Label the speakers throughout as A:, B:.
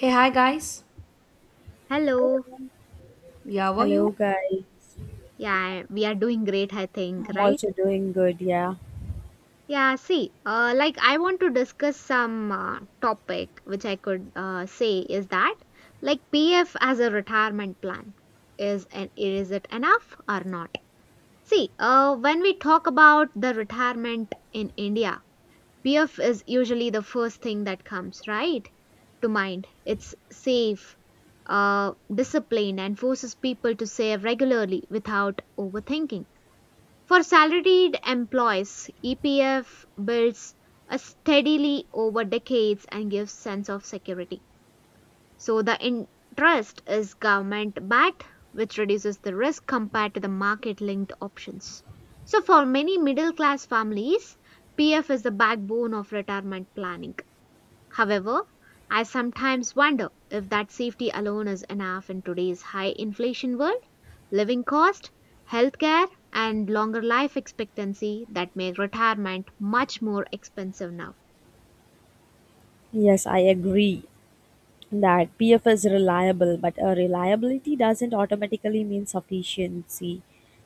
A: Hey, hi guys.
B: Hello.
A: Yeah, how are you?
C: Hello, guys.
B: Yeah, we are doing great, I think,
C: I'm
B: right?
C: also doing good. Yeah.
B: Yeah, see, like I want to discuss some topic which I could say is that like PF as a retirement plan, is it enough or not? See, when we talk about the retirement in India, PF is usually the first thing that comes right to mind. It's safe, uh, disciplined, and forces people to save regularly without overthinking. For salaried employees, EPF builds a steadily over decades and gives sense of security. So the interest is government backed, which reduces the risk compared to the market linked options. So for many middle class families, PF is the backbone of retirement planning. However, I sometimes wonder if that safety alone is enough in today's high inflation world, living cost, healthcare, and longer life expectancy that make retirement much more expensive now.
C: Yes, I agree that PF is reliable, but a reliability doesn't automatically mean sufficiency.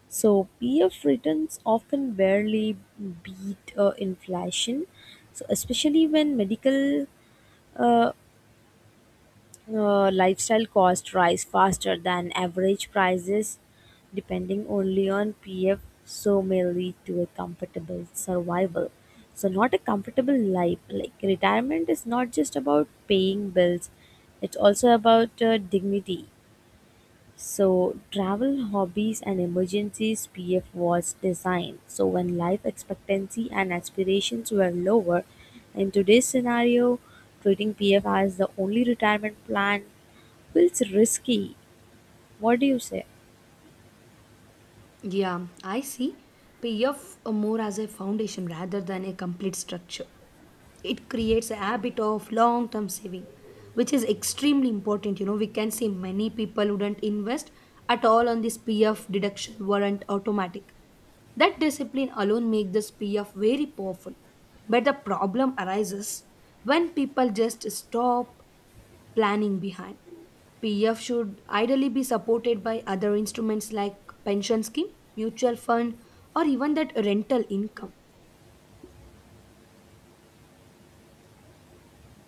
C: So PF returns often barely beat inflation. So especially when medical uh, lifestyle costs rise faster than average prices, depending only on PF, so may lead to a comfortable survival. So, not a comfortable life. Like retirement is not just about paying bills; it's also about dignity. So, travel, hobbies, and emergencies PF was designed. So, when life expectancy and aspirations were lower, in today's scenario, treating PF as the only retirement plan feels risky. What do you say?
A: Yeah, I see. PF more as a foundation rather than a complete structure. It creates a habit of long term saving which is extremely important. We can see many people wouldn't invest at all on this pf deduction weren't automatic. That discipline alone makes this pf very powerful, but the problem arises when people just stop planning behind. PF should ideally be supported by other instruments like pension scheme, mutual fund, or even that rental income.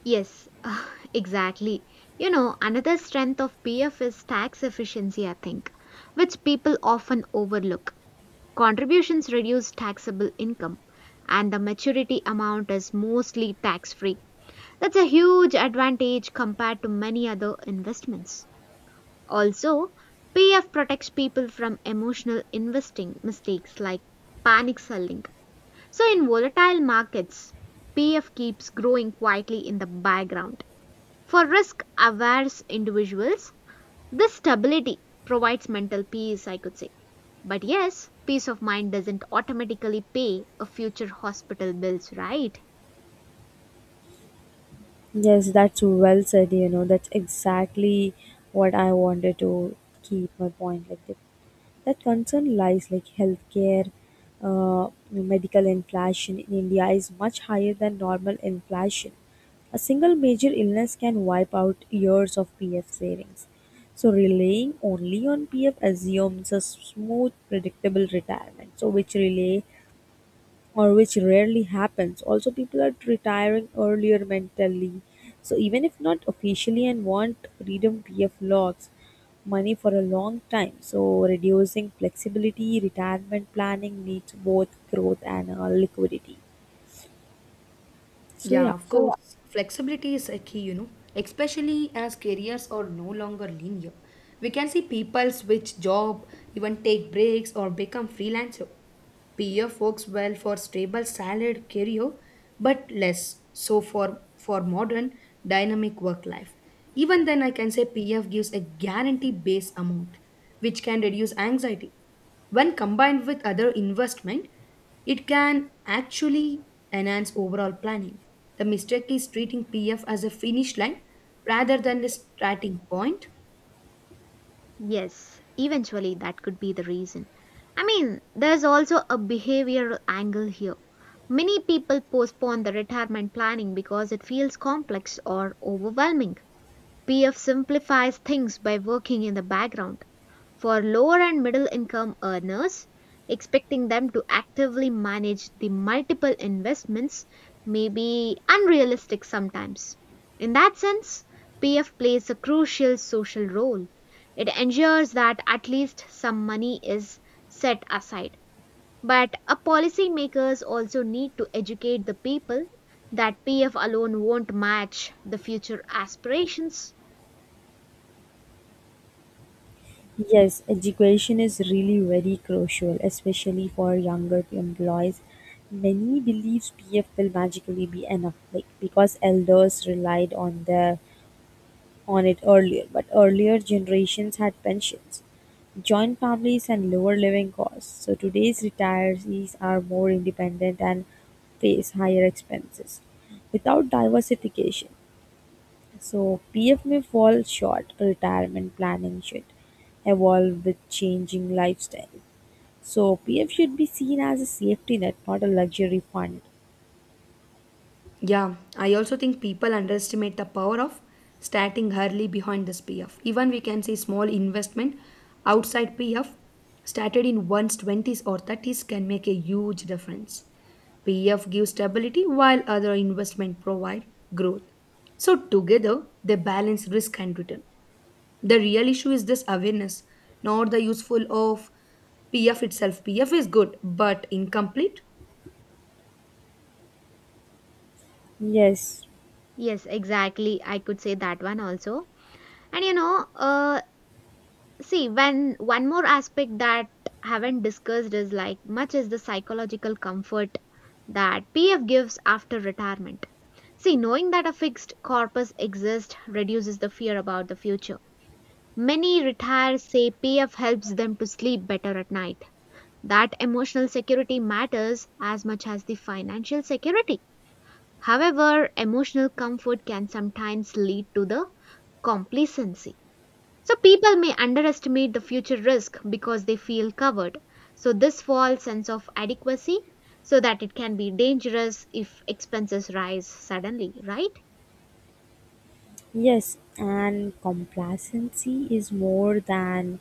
B: Yes, exactly. You know, another strength of PF is tax efficiency, I think, which people often overlook. Contributions reduce taxable income, and the maturity amount is mostly tax free. That's a huge advantage compared to many other investments. Also, PF protects people from emotional investing mistakes like panic selling. So, in volatile markets, PF keeps growing quietly in the background. For risk averse individuals, this stability provides mental peace, I could say. But yes, peace of mind doesn't automatically pay a future hospital bills, right?
C: Yes, that's well said. That's exactly what I wanted to keep my point like that. That concern lies like healthcare, medical inflation in India is much higher than normal inflation. A single major illness can wipe out years of PF savings. So relying only on PF assumes a smooth, predictable retirement. So which relay or which rarely happens. Also, people are retiring earlier mentally. So, even if not officially and want freedom PF logs, money for a long time. So, reducing flexibility, retirement planning needs both growth and liquidity. So,
A: Yeah,
C: yeah.
A: of course. Flexibility is a key, especially as careers are no longer linear. We can see people switch job, even take breaks or become freelancer. PF works well for stable salaried career, but less so for modern dynamic work life. Even then, I can say PF gives a guaranteed base amount, which can reduce anxiety. When combined with other investment, it can actually enhance overall planning. The mistake is treating PF as a finish line rather than a starting point.
B: Yes, eventually that could be the reason. I mean, there's also a behavioral angle here. Many people postpone the retirement planning because it feels complex or overwhelming. PF simplifies things by working in the background for lower and middle income earners, expecting them to actively manage the multiple investments may be unrealistic sometimes. In that sense, PF plays a crucial social role. It ensures that at least some money is set aside. But a policymakers also need to educate the people that PF alone won't match the future aspirations.
C: Yes, education is really very crucial, especially for younger employees. Many believes PF will magically be enough, like because elders relied on their on it earlier, but earlier generations had pensions, joint families, and lower living costs. So today's retirees are more independent and face higher expenses without diversification. So PF may fall short, retirement planning should evolve with changing lifestyle. So PF should be seen as a safety net, not a luxury fund.
A: Yeah, I also think people underestimate the power of starting early behind this PF. Even we can see small investment outside PF started in one's 20s or 30s can make a huge difference. PF gives stability while other investment provide growth. So together they balance risk and return. The real issue is this awareness, not the useful of PF itself. PF is good but incomplete.
C: Yes.
B: Yes, exactly. I could say that one also. And you know, see, when one more aspect that haven't discussed is like much is the psychological comfort that PF gives after retirement. See, knowing that a fixed corpus exists reduces the fear about the future. Many retirees say PF helps them to sleep better at night. That emotional security matters as much as the financial security. However, emotional comfort can sometimes lead to the complacency. So people may underestimate the future risk because they feel covered. So this false sense of adequacy so that it can be dangerous if expenses rise suddenly, right?
C: Yes, and complacency is more than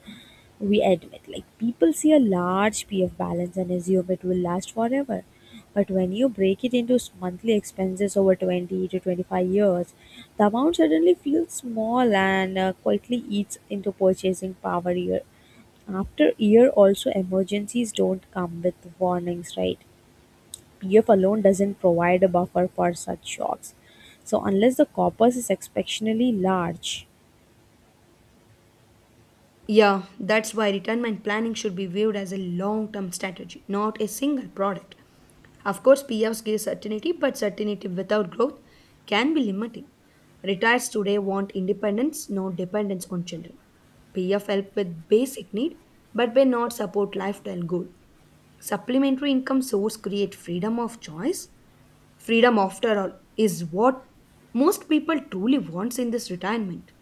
C: we admit. Like people see a large PF balance and assume it will last forever. But when you break it into monthly expenses over 20 to 25 years, the amount suddenly feels small and quietly eats into purchasing power year after year. Also, emergencies don't come with warnings, right? PF alone doesn't provide a buffer for such shocks. So, unless the corpus is exceptionally large,
A: Yeah, that's why retirement planning should be viewed as a long term strategy, not a single product. Of course, PFs give certainty, but certainty without growth can be limiting. Retirees today want independence, not dependence on children. PF help with basic need, but may not support lifestyle goal. Supplementary income source create freedom of choice. Freedom, after all, is what most people truly wants in this retirement.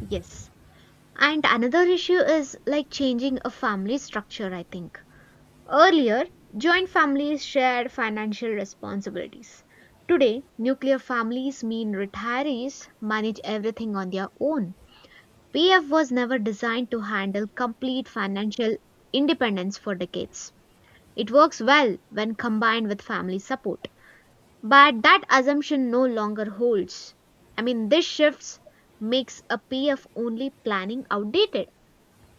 B: Yes. And another issue is like changing a family structure, I think. Earlier, joint families shared financial responsibilities. Today, nuclear families mean retirees manage everything on their own. PF was never designed to handle complete financial independence for decades. It works well when combined with family support, but that assumption no longer holds. I mean, this shifts makes a PF only planning outdated.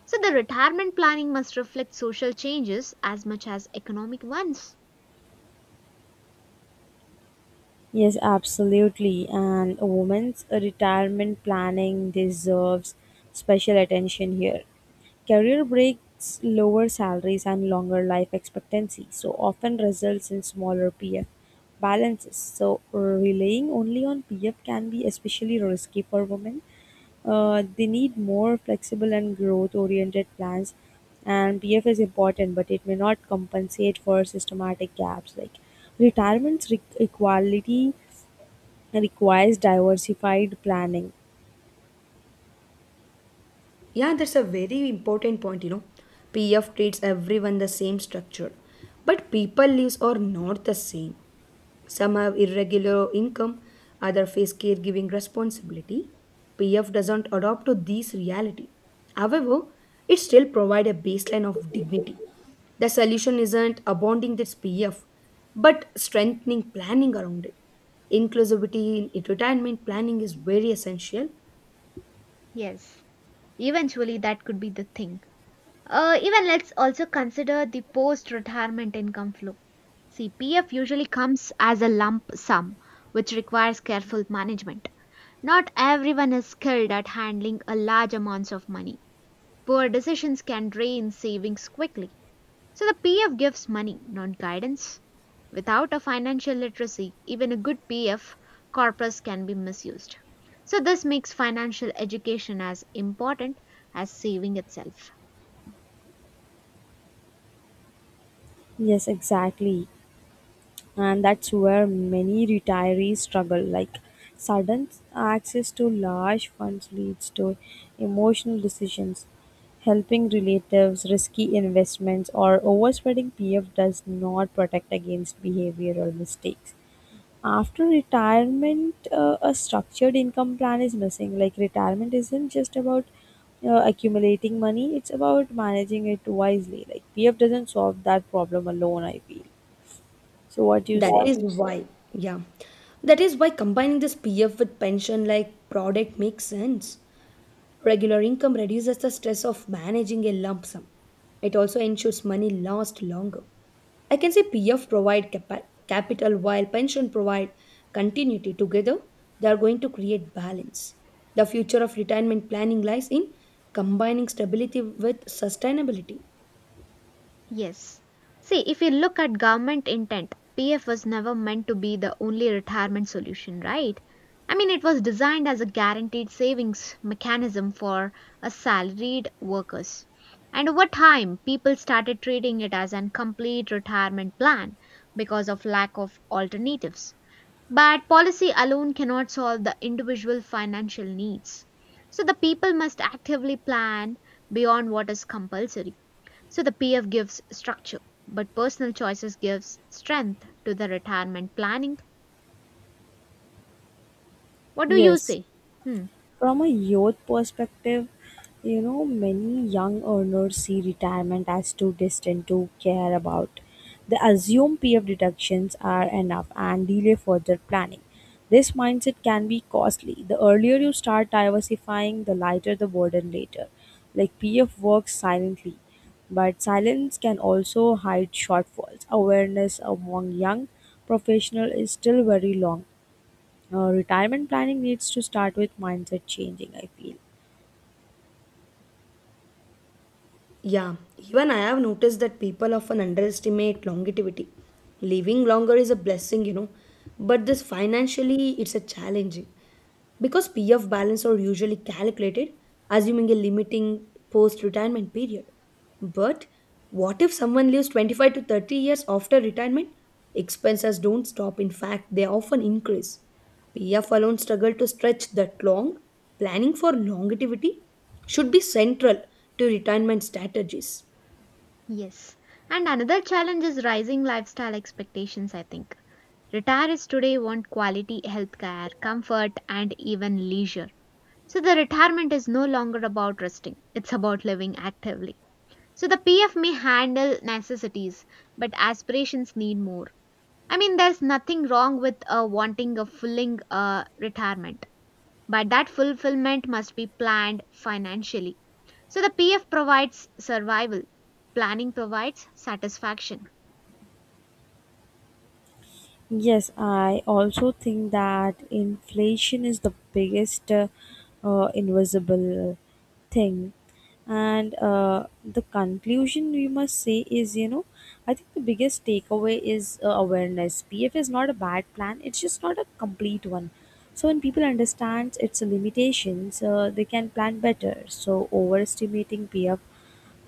B: So the retirement planning must reflect social changes as much as economic ones.
C: yes, absolutely. And a woman's retirement planning deserves special attention here. Career breaks, lower salaries, and longer life expectancy, so often results in smaller PF balances. So, relying only on PF can be especially risky for women. They need more flexible and growth oriented plans, and PF is important, but it may not compensate for systematic gaps. Like retirement equality requires diversified planning.
A: Yeah, that's a very important point. PF treats everyone the same structure, but people lives are not the same. Some have irregular income, others face caregiving responsibility. PF doesn't adopt to this reality. However, it still provide a baseline of dignity. The solution isn't abounding this PF, but strengthening planning around it. Inclusivity in retirement planning is very essential.
B: Yes, eventually that could be the thing. Even let's also consider the post retirement income flow. See, PF usually comes as a lump sum, which requires careful management. Not everyone is skilled at handling a large amounts of money. Poor decisions can drain savings quickly. So the PF gives money, not guidance. Without a financial literacy, even a good PF corpus can be misused. So this makes financial education as important as saving itself.
C: Yes, exactly. And that's where many retirees struggle, like sudden access to large funds leads to emotional decisions, helping relatives, risky investments, or overspending. PF does not protect against behavioral mistakes after retirement. A structured income plan is missing. Like retirement isn't just about accumulating money, it's about managing it wisely. Like PF doesn't solve that problem alone, I feel. So what do you
A: That
C: say?
A: is why, yeah, that is why combining this PF with pension like product makes sense. Regular income reduces the stress of managing a lump sum. It also ensures money lasts longer. I can say PF provide capital while pension provide continuity. Together, they are going to create balance. The future of retirement planning lies in combining stability with sustainability.
B: Yes. See, if you look at government intent, PF was never meant to be the only retirement solution, right? I mean, it was designed as a guaranteed savings mechanism for a salaried workers. And over time, people started treating it as an complete retirement plan because of lack of alternatives. But policy alone cannot solve the individual financial needs. So the people must actively plan beyond what is compulsory so the PF gives structure, but personal choices gives strength to the retirement planning. What do you
C: Yes,
B: say? Hmm,
C: from a youth perspective, many young earners see retirement as too distant to care about. They assume PF deductions are enough and delay further planning. This mindset can be costly. The earlier you start diversifying, the lighter the burden later. Like PF works silently, but silence can also hide shortfalls. Awareness among young professionals is still very long. Retirement planning needs to start with mindset changing, I feel.
A: Yeah, even I have noticed that people often underestimate longevity. Living longer is a blessing, but this financially it's a challenging because PF balance are usually calculated assuming a limiting post retirement period. But what if someone lives 25 to 30 years after retirement? Expenses don't stop, in fact, they often increase. PF alone struggle to stretch that long. Planning for longevity should be central to retirement strategies.
B: yes. And another challenge is rising lifestyle expectations, I think. Retirees today want quality healthcare, comfort, and even leisure. So the retirement is no longer about resting, it's about living actively. So the PF may handle necessities, but aspirations need more. I mean, there's nothing wrong with wanting a fulfilling retirement but that fulfillment must be planned financially. So the PF provides survival, planning provides satisfaction.
C: Yes, I also think that inflation is the biggest invisible thing. And the conclusion we must say is, I think the biggest takeaway is awareness. PF is not a bad plan, it's just not a complete one. So when people understand its limitations, they can plan better. So overestimating PF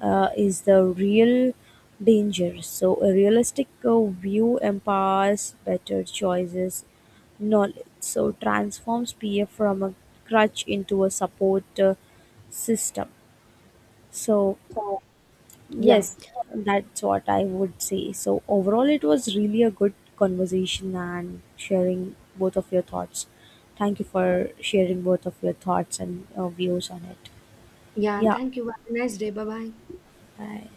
C: is the real danger. So, a realistic view empowers better choices, knowledge. So, transforms PF from a crutch into a support system. So,
A: Yeah.
C: yes, that's what I would say. So, overall, it was really a good conversation and sharing both of your thoughts. Thank you for sharing both of your thoughts and views on it. Yeah, bye.